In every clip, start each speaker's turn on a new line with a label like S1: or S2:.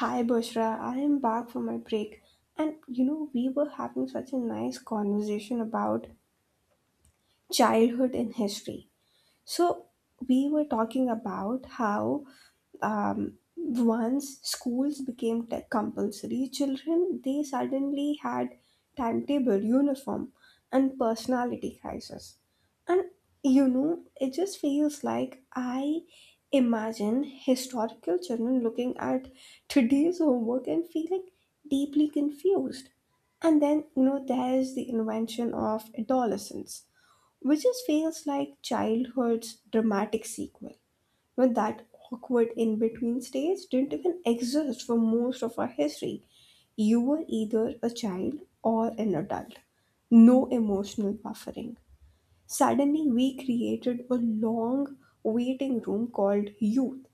S1: Hi Bushra, I am back from my break. And we were having such a nice conversation about childhood in history. So, we were talking about how once schools became tech compulsory, children they suddenly had timetable, uniform, and personality crisis. And it just feels like I imagine historical children looking at today's homework and feeling deeply confused. And then, there's the invention of adolescence, which just feels like childhood's dramatic sequel, but that awkward in between stage didn't even exist for most of our history. You were either a child or an adult. No emotional buffering. Suddenly, we created a long waiting room called youth.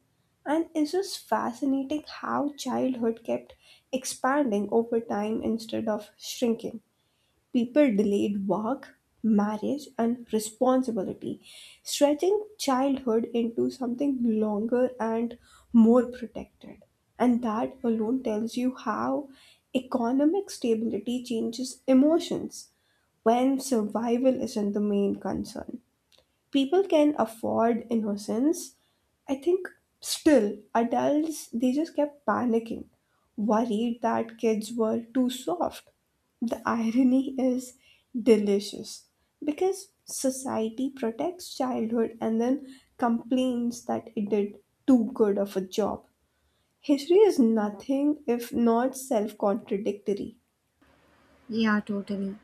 S1: And it's just fascinating how childhood kept expanding over time instead of shrinking. People delayed work, marriage, and responsibility, stretching childhood into something longer and more protected. And that alone tells you how economic stability changes emotions. When survival isn't the main concern, people can afford innocence, I think. Still, adults they just kept panicking, worried that kids were too soft. The irony is delicious, because society protects childhood and then complains that it did too good of a job. History is nothing if not self-contradictory.
S2: Yeah, totally.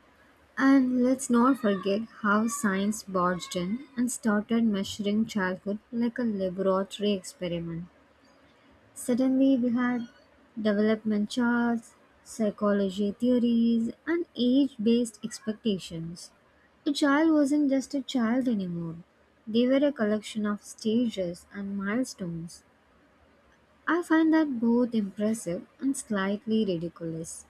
S2: And let's not forget how science barged in and started measuring childhood like a laboratory experiment. Suddenly, we had development charts, psychology theories, and age based expectations. A child wasn't just a child anymore, they were a collection of stages and milestones. I find that both impressive and slightly ridiculous.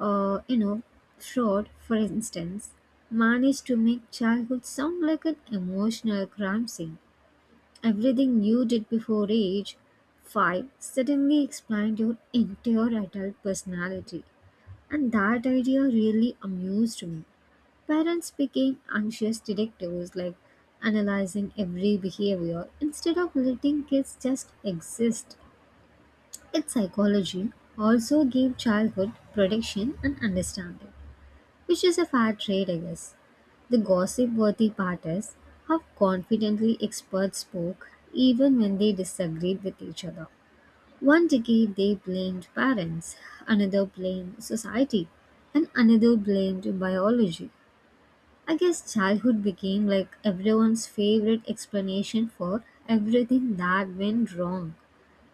S2: uh, you know, Fraud, for instance, managed to make childhood sound like an emotional crime scene. Everything you did before age 5 suddenly explained your entire adult personality. And that idea really amused me. Parents became anxious detectives, like analyzing every behavior instead of letting kids just exist. Its psychology also gave childhood protection and understanding, which is a fair trade, I guess. The gossip worthy part is how confidently experts spoke even when they disagreed with each other. One decade they blamed parents, another blamed society, and another blamed biology. I guess childhood became like everyone's favorite explanation for everything that went wrong.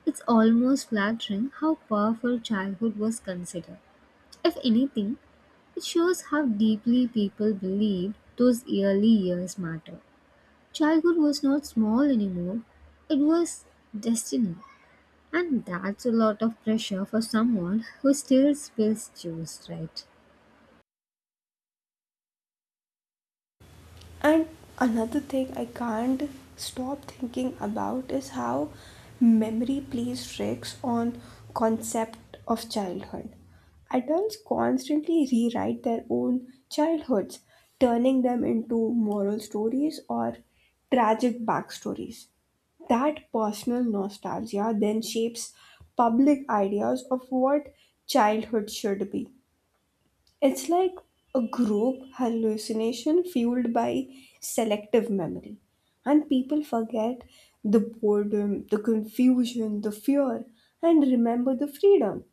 S2: It's almost flattering how powerful childhood was considered. If anything, it shows how deeply people believed those early years matter. Childhood was not small anymore, it was destiny. And that's a lot of pressure for someone who still spills juice, right?
S1: And another thing I can't stop thinking about is how memory plays tricks on concept of childhood. Adults constantly rewrite their own childhoods, turning them into moral stories or tragic backstories. That personal nostalgia then shapes public ideas of what childhood should be. It's like a group hallucination fueled by selective memory. And people forget the boredom, the confusion, the fear, and remember the freedom.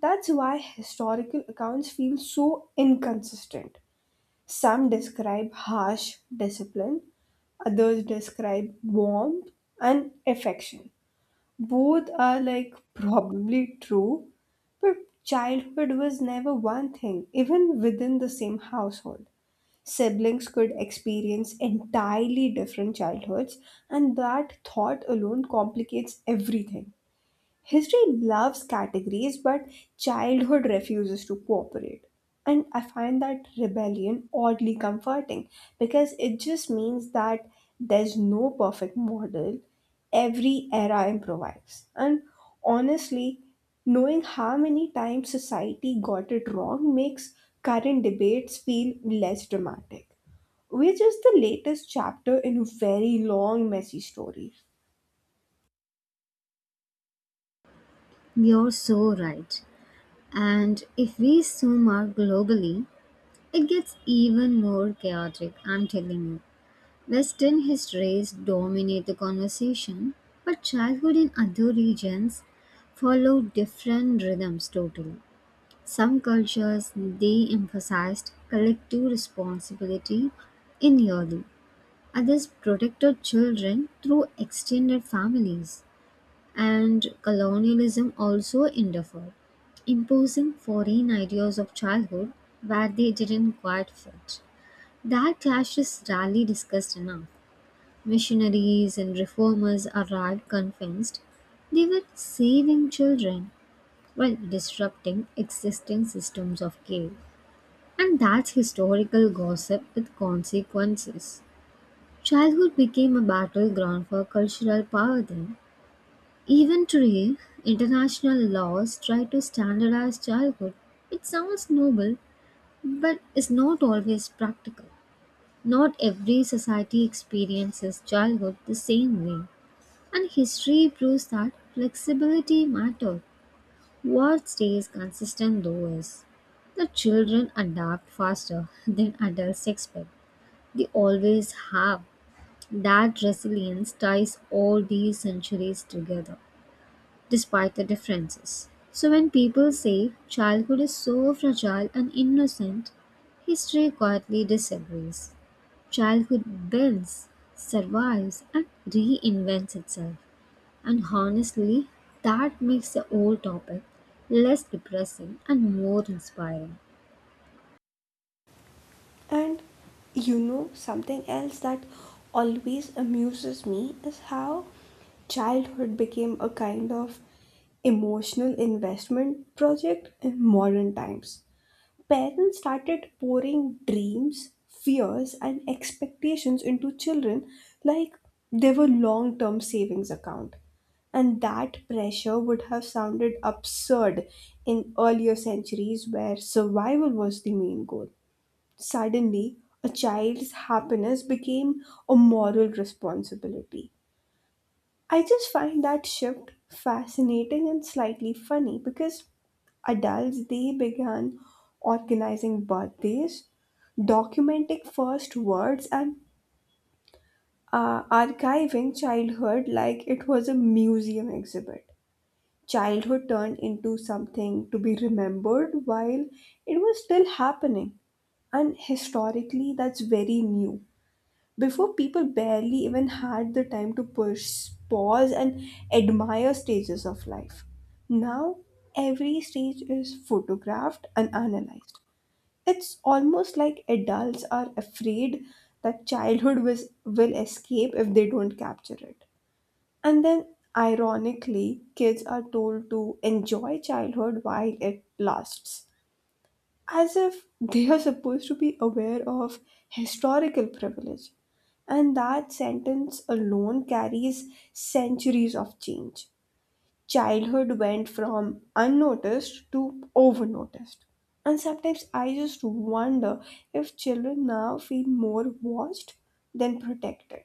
S1: That's why historical accounts feel so inconsistent. Some describe harsh discipline, others describe warmth and affection. Both are like probably true, but childhood was never one thing, even within the same household. Siblings could experience entirely different childhoods, and that thought alone complicates everything. History loves categories, but childhood refuses to cooperate. And I find that rebellion oddly comforting, because it just means that there's no perfect model. Every era improvises. And honestly, knowing how many times society got it wrong makes current debates feel less dramatic. Which is the latest chapter in a very long, messy story.
S2: You're so right. And if we zoom out globally, it gets even more chaotic, I'm telling you. Western histories dominate the conversation, but childhood in other regions follow different rhythms totally. Some cultures they emphasized collective responsibility in yearly. Others protected children through extended families. And colonialism also interfered, imposing foreign ideas of childhood where they didn't quite fit. That clash is rarely discussed enough. Missionaries and reformers arrived convinced they were saving children while disrupting existing systems of care. And that's historical gossip with consequences. Childhood became a battleground for cultural power then. Even today, international laws try to standardize childhood. It sounds noble, but is not always practical. Not every society experiences childhood the same way, and history proves that flexibility matters. What stays consistent, though, is that children adapt faster than adults expect. They always have. That resilience ties all these centuries together, despite the differences. So, when people say childhood is so fragile and innocent, history quietly disagrees. Childhood bends, survives, and reinvents itself. And honestly, that makes the old topic less depressing and more inspiring.
S1: And something else that always amuses me is how childhood became a kind of emotional investment project in modern times. Parents started pouring dreams, fears, and expectations into children like they were long term savings account. And that pressure would have sounded absurd in earlier centuries where survival was the main goal. Suddenly, a child's happiness became a moral responsibility. I just find that shift fascinating and slightly funny because adults they began organizing birthdays, documenting first words, and archiving childhood like it was a museum exhibit. Childhood turned into something to be remembered while it was still happening, and historically, that's very new. Before, people barely even had the time to push, pause, and admire stages of life. Now, every stage is photographed and analyzed. It's almost like adults are afraid that childhood will escape if they don't capture it. And then, ironically, kids are told to enjoy childhood while it lasts, as if they are supposed to be aware of historical privilege. And that sentence alone carries centuries of change. Childhood went from unnoticed to overnoticed. And sometimes I just wonder if children now feel more watched than protected.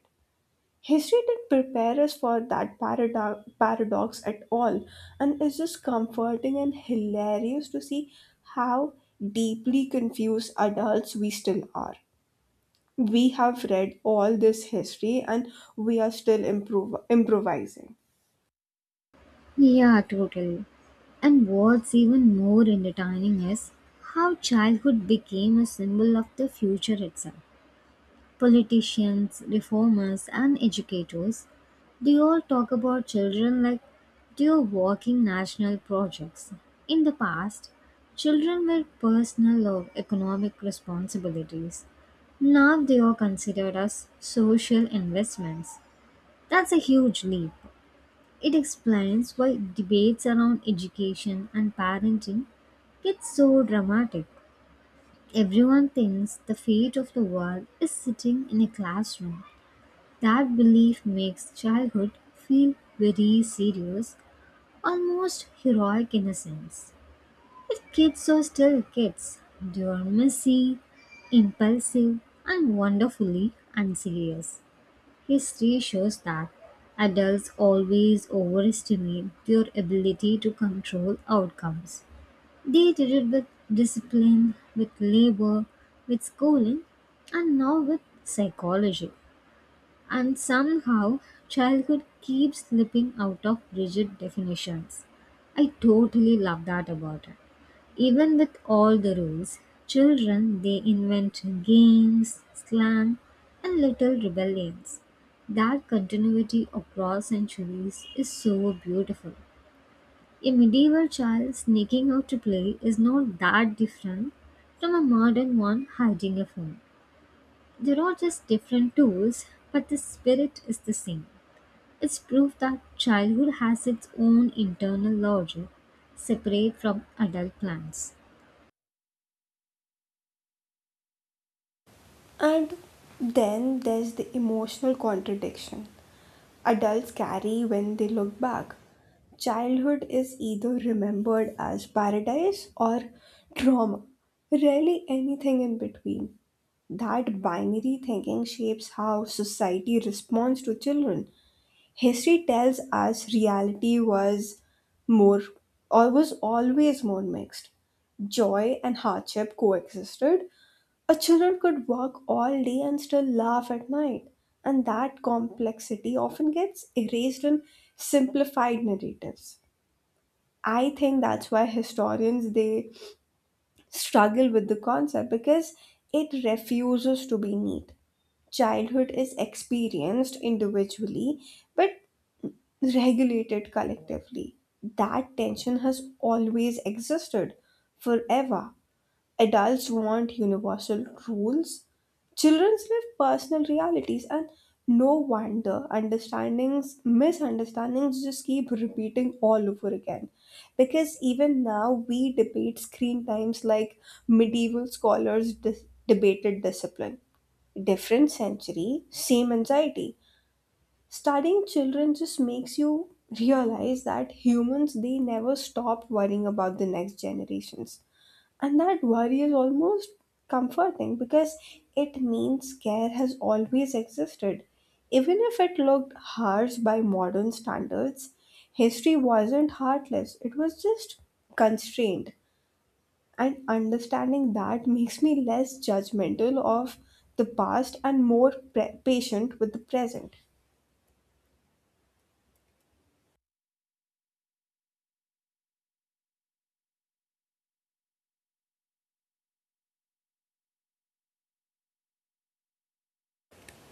S1: History didn't prepare us for that paradox at all, and it's just comforting and hilarious to see how deeply confused adults we still are. We have read all this history and we are still improvising.
S2: Yeah, totally. And what's even more entertaining is how childhood became a symbol of the future itself. Politicians, reformers, and educators, they all talk about children like they are working national projects. In the past, children were personal or economic responsibilities. Now they are considered as social investments. That's a huge leap. It explains why debates around education and parenting get so dramatic. Everyone thinks the fate of the world is sitting in a classroom. That belief makes childhood feel very serious, almost heroic in a sense. If kids are still kids, they are messy, impulsive, and wonderfully unserious. History shows that adults always overestimate their ability to control outcomes. They did it with discipline, with labor, with schooling, and now with psychology. And somehow, childhood keeps slipping out of rigid definitions. I totally love that about it. Even with all the rules, children they invent games, slang, and little rebellions. That continuity across centuries is so beautiful. A medieval child sneaking out to play is not that different from a modern one hiding a phone. They're all just different tools, but the spirit is the same. It's proof that childhood has its own internal logic, separate from adult plans.
S1: And then there's the emotional contradiction adults carry when they look back. Childhood is either remembered as paradise or trauma, rarely anything in between. That binary thinking shapes how society responds to children. History tells us reality more, was always more mixed. Joy and hardship coexisted. A children could work all day and still laugh at night, and that complexity often gets erased in simplified narratives. I think that's why historians they struggle with the concept, because it refuses to be neat. Childhood is experienced individually but regulated collectively. That tension has always existed forever. Adults want universal rules. Childrens live personal realities, and no wonder understandings, misunderstandings just keep repeating all over again. Because even now, we debate screen times like medieval scholars debated discipline. Different century, same anxiety. Studying children just makes you realize that humans they never stop worrying about the next generations, and that worry is almost comforting, because it means care has always existed. Even if it looked harsh by modern standards, history wasn't heartless, it was just constrained. And understanding that makes me less judgmental of the past and more patient with the present.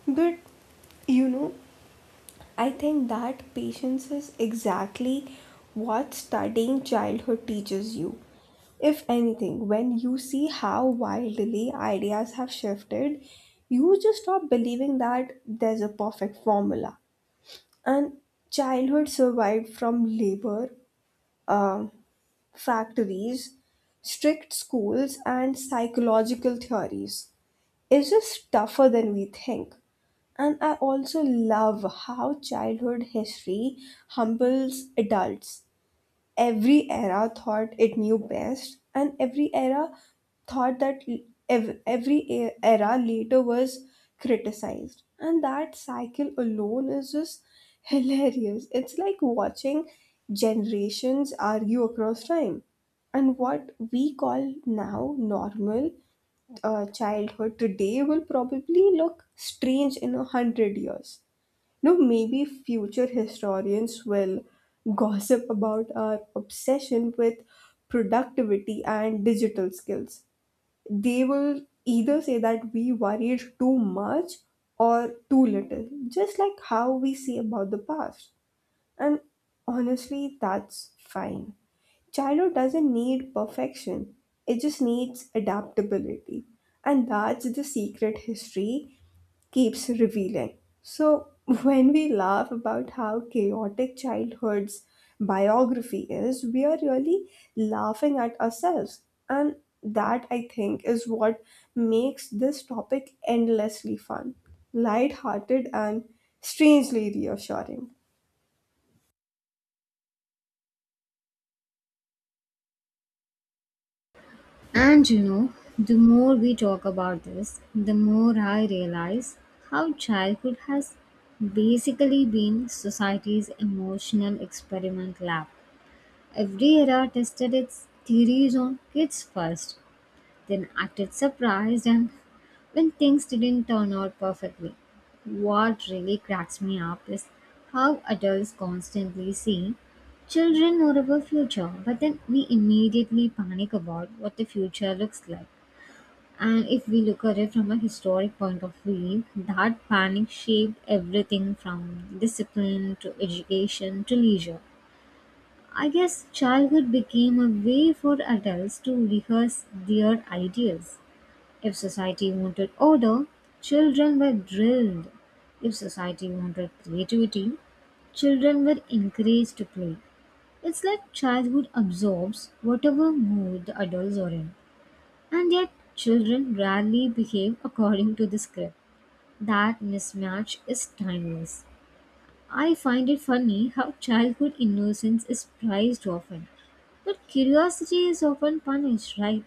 S1: But you know, I think that patience is exactly what studying childhood teaches you. If anything, when you see how wildly ideas have shifted, you just stop believing that there's a perfect formula. And childhood survived from labor, um, factories, strict schools, and psychological theories. It's just tougher than we think. And I also love how childhood history humbles adults. Every era thought it knew best, and every era thought that every era later was criticized. And that cycle alone is just hilarious. It's like watching generations argue across time. And what we call now normal childhood today will probably look strange in 100 years. No, maybe future historians will gossip about our obsession with productivity and digital skills. They will either say that we worried too much or too little, just like how we say about the past. And honestly, that's fine. Childhood doesn't need perfection, it just needs adaptability. And that's the secret history keeps revealing. So, when we laugh about how chaotic childhood's biography is, we are really laughing at ourselves. And that, I think, is what makes this topic endlessly fun, light-hearted, and strangely reassuring.
S2: And you know, the more we talk about this, the more I realize how childhood has basically been society's emotional experiment lab. Every era tested its theories on kids first, then acted surprised and when things didn't turn out perfectly. What really cracks me up is how adults constantly see children know about future, but then we immediately panic about what the future looks like. And if we look at it from a historic point of view, that panic shaped everything from discipline to education to leisure. I guess childhood became a way for adults to rehearse their ideas. If society wanted order, children were drilled. If society wanted creativity, children were encouraged to play. It's like childhood absorbs whatever mood the adults are in. And yet, children rarely behave according to the script. That mismatch is timeless. I find it funny how childhood innocence is prized often, but curiosity is often punished, right?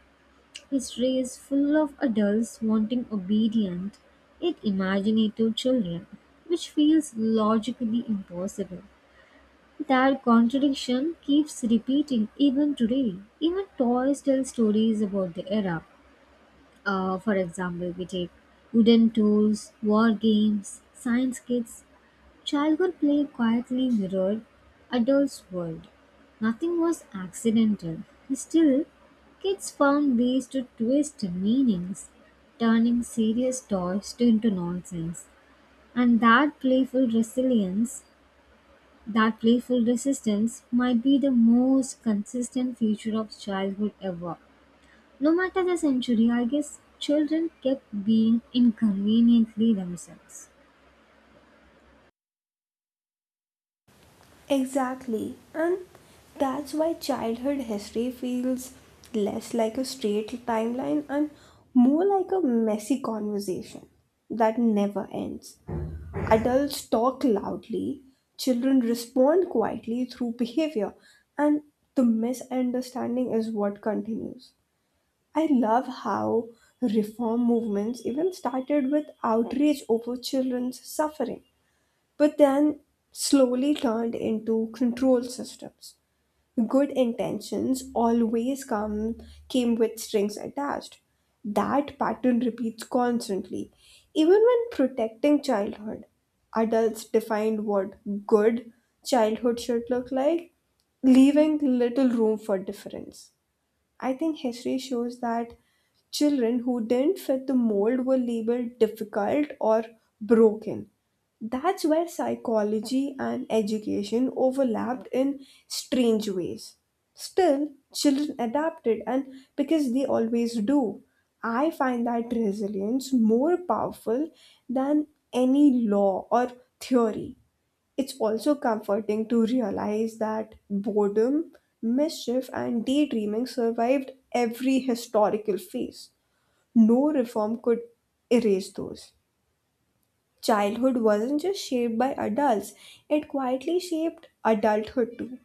S2: History is full of adults wanting obedient, yet imaginative children, which feels logically impossible. That contradiction keeps repeating even today. Even toys tell stories about the era. For example, we take wooden tools, war games, science kits. Childhood play quietly mirrored adults' world. Nothing was accidental. Still, kids found ways to twist meanings, turning serious toys into nonsense. And that playful resilience, that playful resistance, might be the most consistent feature of childhood ever. No matter the century, I guess children kept being inconveniently themselves.
S1: Exactly. And that's why childhood history feels less like a straight timeline and more like a messy conversation that never ends. Adults talk loudly, children respond quietly through behavior, and the misunderstanding is what continues. I love how reform movements even started with outrage over children's suffering, but then slowly turned into control systems. Good intentions always come came with strings attached. That pattern repeats constantly. Even when protecting childhood, adults defined what good childhood should look like, leaving little room for difference. I think history shows that children who didn't fit the mold were labeled difficult or broken. That's where psychology and education overlapped in strange ways. Still, children adapted, and because they always do, I find that resilience more powerful than any law or theory. It's also comforting to realize that boredom, mischief, and daydreaming survived every historical phase. No reform could erase those. Childhood wasn't just shaped by adults, it quietly shaped adulthood too.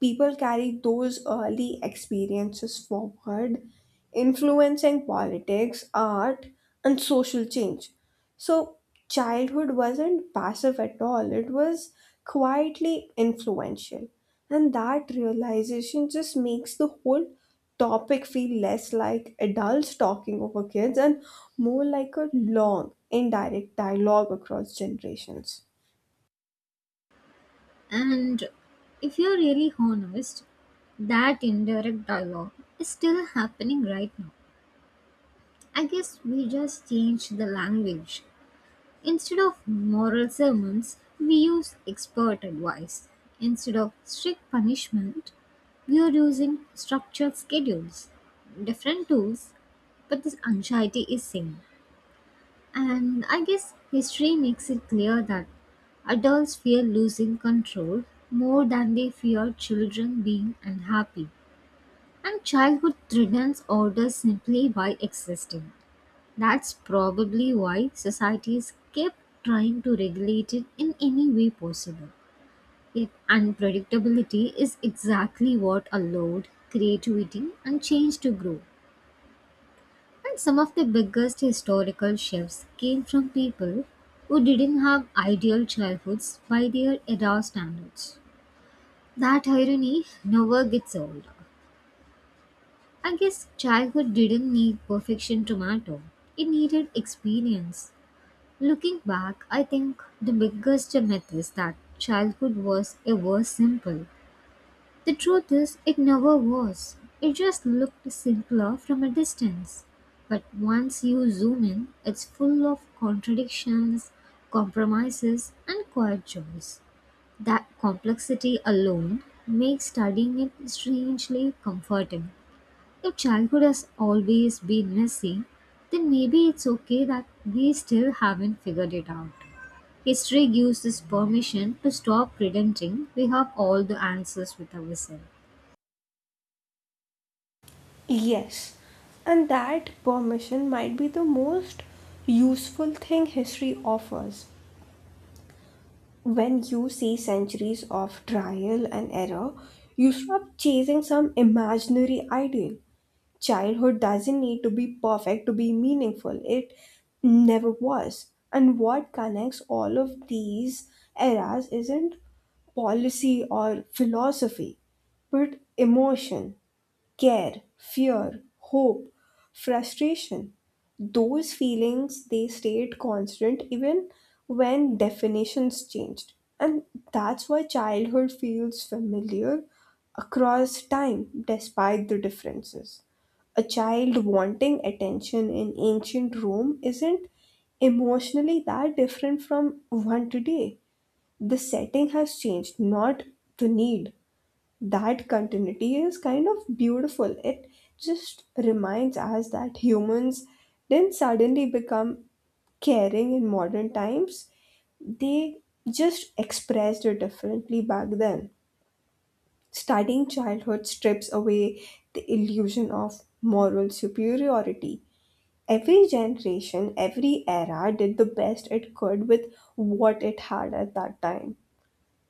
S1: People carry those early experiences forward, influencing politics, art, and social change. So, childhood wasn't passive at all, it was quietly influential. And that realization just makes the whole topic feel less like adults talking over kids and more like a long, indirect dialogue across generations.
S2: And if you're really honest, that indirect dialogue is still happening right now. I guess we just changed the language. Instead of moral sermons, we use expert advice. Instead of strict punishment, we are using structured schedules. Different tools, but this anxiety is same. And I guess history makes it clear that adults fear losing control more than they fear children being unhappy. And childhood threatens order simply by existing. That's probably why societies kept trying to regulate it in any way possible. Yet, unpredictability is exactly what allowed creativity and change to grow. And some of the biggest historical shifts came from people who didn't have ideal childhoods by their era standards. That irony never gets old. I guess childhood didn't need perfection to matter, it needed experience. Looking back, I think the biggest myth is that childhood was ever simple. The truth is, it never was. It just looked simpler from a distance. But once you zoom in, it's full of contradictions, compromises, and quiet joys. That complexity alone makes studying it strangely comforting. If childhood has always been messy, then maybe it's okay that we still haven't figured it out. History gives us permission to stop pretending we have all the answers with ourselves.
S1: Yes, and that permission might be the most useful thing history offers. When you see centuries of trial and error, you stop chasing some imaginary ideal. Childhood doesn't need to be perfect to be meaningful, it never was. And what connects all of these eras isn't policy or philosophy, but emotion: care, fear, hope, frustration. Those feelings they stayed constant even when definitions changed. And that's why childhood feels familiar across time despite the differences. A child wanting attention in ancient Rome isn't emotionally that different from one today. The setting has changed, not the need. That continuity is kind of beautiful. It just reminds us that humans didn't suddenly become caring in modern times, they just expressed it differently back then. Studying childhood strips away the illusion of moral superiority. Every generation, every era did the best it could with what it had at that time.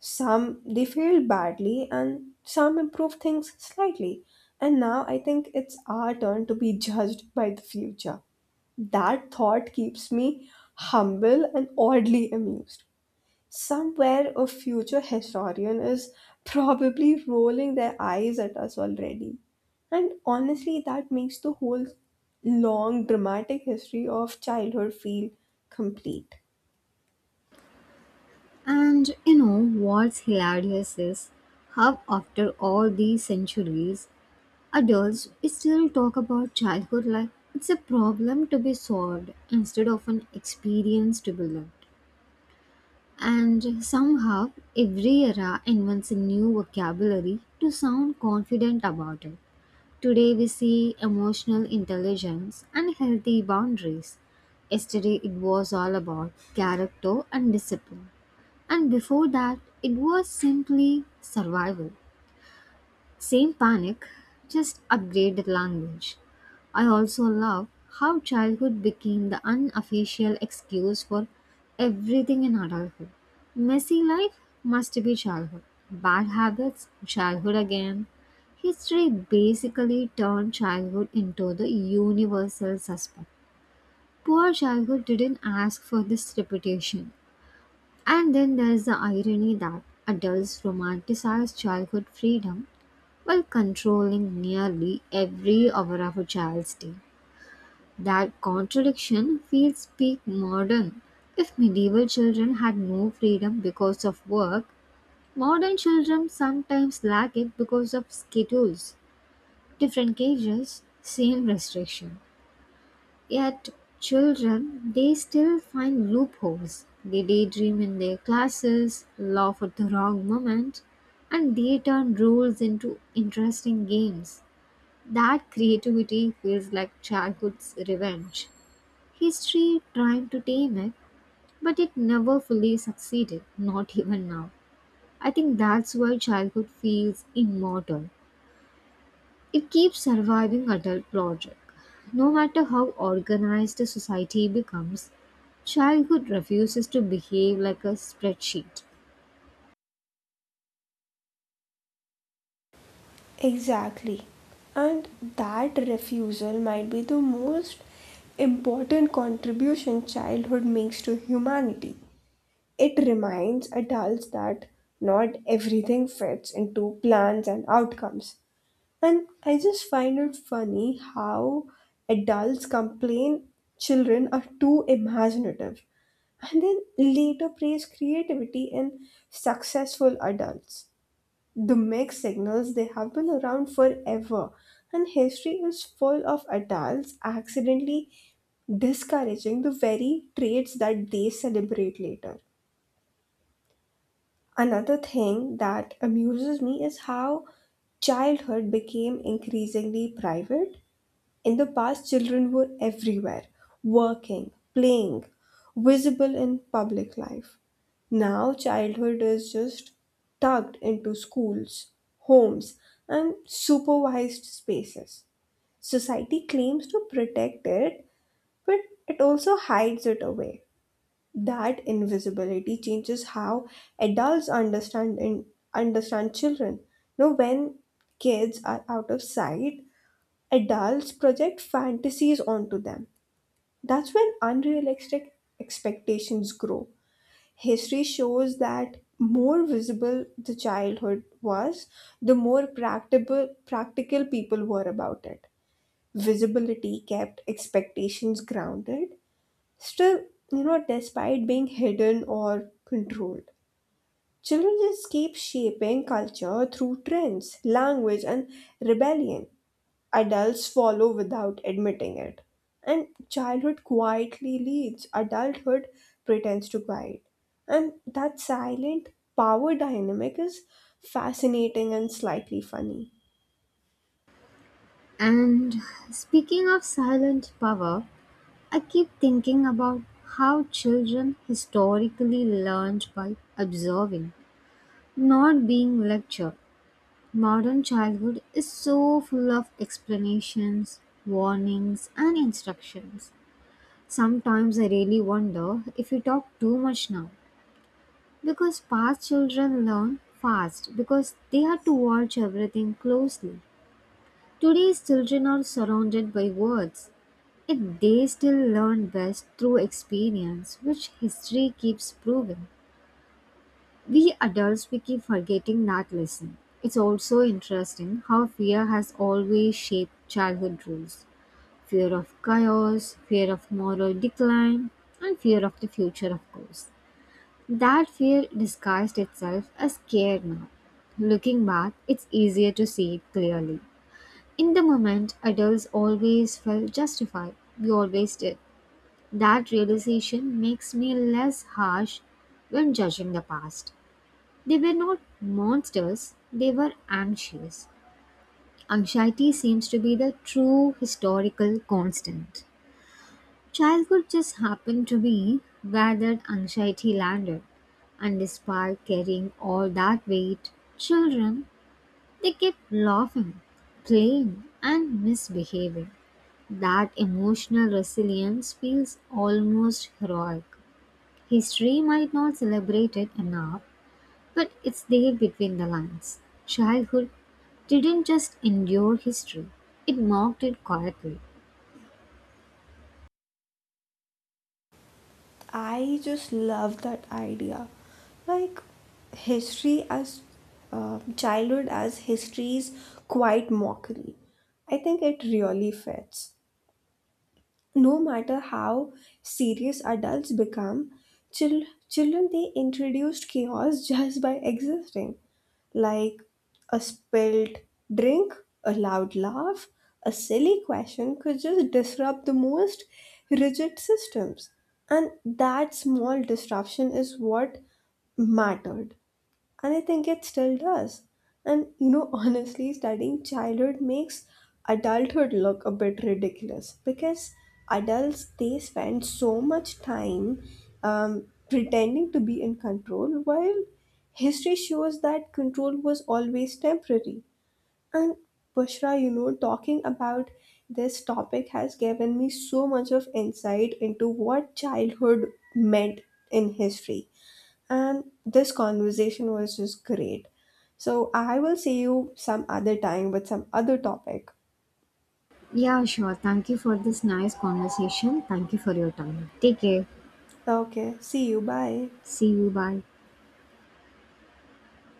S1: Some they failed badly and some improved things slightly. And now I think it's our turn to be judged by the future. That thought keeps me humble and oddly amused. Somewhere a future historian is probably rolling their eyes at us already, and honestly that makes the whole long dramatic history of childhood feel complete.
S2: And you know what's hilarious is how, after all these centuries, adults still talk about childhood like it's a problem to be solved instead of an experience to be lived. And somehow, every era invents a new vocabulary to sound confident about it. Today, we see emotional intelligence and healthy boundaries. Yesterday, it was all about character and discipline. And before that, it was simply survival. Same panic, just upgraded language. I also love how childhood became the unofficial excuse for everything in adulthood. Messy life must be childhood. Bad habits, childhood again. History basically turned childhood into the universal suspect. Poor childhood didn't ask for this reputation. And then there's the irony that adults romanticize childhood freedom while controlling nearly every hour of a child's day. That contradiction feels peak modern. If medieval children had no freedom because of work, modern children sometimes lack it because of schedules, different cages, same restriction. Yet, children, they still find loopholes. They daydream in their classes, laugh at the wrong moment, and they turn rules into interesting games. That creativity feels like childhood's revenge. History tried to tame it, but it never fully succeeded, not even now. I think that's why childhood feels immortal. It keeps surviving adult logic. No matter how organized a society becomes, childhood refuses to behave like a spreadsheet.
S1: Exactly. And that refusal might be the most important contribution childhood makes to humanity. It reminds adults that not everything fits into plans and outcomes. And I just find it funny how adults complain children are too imaginative and then later praise creativity in successful adults. The mixed signals, they have been around forever, and history is full of adults accidentally discouraging the very traits that they celebrate later. Another thing that amuses me is how childhood became increasingly private. In the past, children were everywhere working, playing, visible in public life. Now, childhood is just tucked into schools, homes, and supervised spaces. Society claims to protect it, but it also hides it away. That invisibility changes how adults understand children. Now, when kids are out of sight, adults project fantasies onto them. That's when unrealistic expectations grow. History shows that more visible the childhood was, the more practical people were about it. Visibility kept expectations grounded. Still, despite being hidden or controlled, children just keep shaping culture through trends, language, and rebellion. Adults follow without admitting it. And childhood quietly leads, adulthood pretends to guide. And that silent power dynamic is fascinating and slightly funny.
S2: And speaking of silent power, I keep thinking about how children historically learned by observing, not being lectured. Modern childhood is so full of explanations, warnings, and instructions. Sometimes I really wonder if we talk too much now, because past children learn fast because they had to watch everything closely. Today's children are surrounded by words, yet they still learn best through experience, which history keeps proving. We adults we keep forgetting that lesson. It's also interesting how fear has always shaped childhood rules. Fear of chaos, fear of moral decline, and fear of the future, of course. That fear disguised itself as care now. Looking back, it's easier to see it clearly. In the moment, adults always felt justified. We always did. That realization makes me less harsh when judging the past. They were not monsters, they were anxious. Anxiety seems to be the true historical constant. Childhood just happened to be where that anxiety landed. And despite carrying all that weight, children, they kept laughing, playing, and misbehaving. That emotional resilience feels almost heroic. History might not celebrate it enough, but it's there between the lines. Childhood didn't just endure history, it mocked it quietly.
S1: I just love that idea. Like history as childhood as history's quiet mockery. I think it really fits. No matter how serious adults become, children they introduced chaos just by existing, like a spilled drink, a loud laugh, a silly question could just disrupt the most rigid systems, and that small disruption is what mattered, and I think it still does. And honestly, studying childhood makes adulthood look a bit ridiculous because adults they spend so much time pretending to be in control, while history shows that control was always temporary. And Bushra, talking about this topic has given me so much of insight into what childhood meant in history, and this conversation was just great. So I will see you some other time with some other topic.
S2: Yeah, sure. Thank you for this nice conversation. Thank you for your time. Take care.
S1: Okay, see you. Bye.
S2: See you. Bye.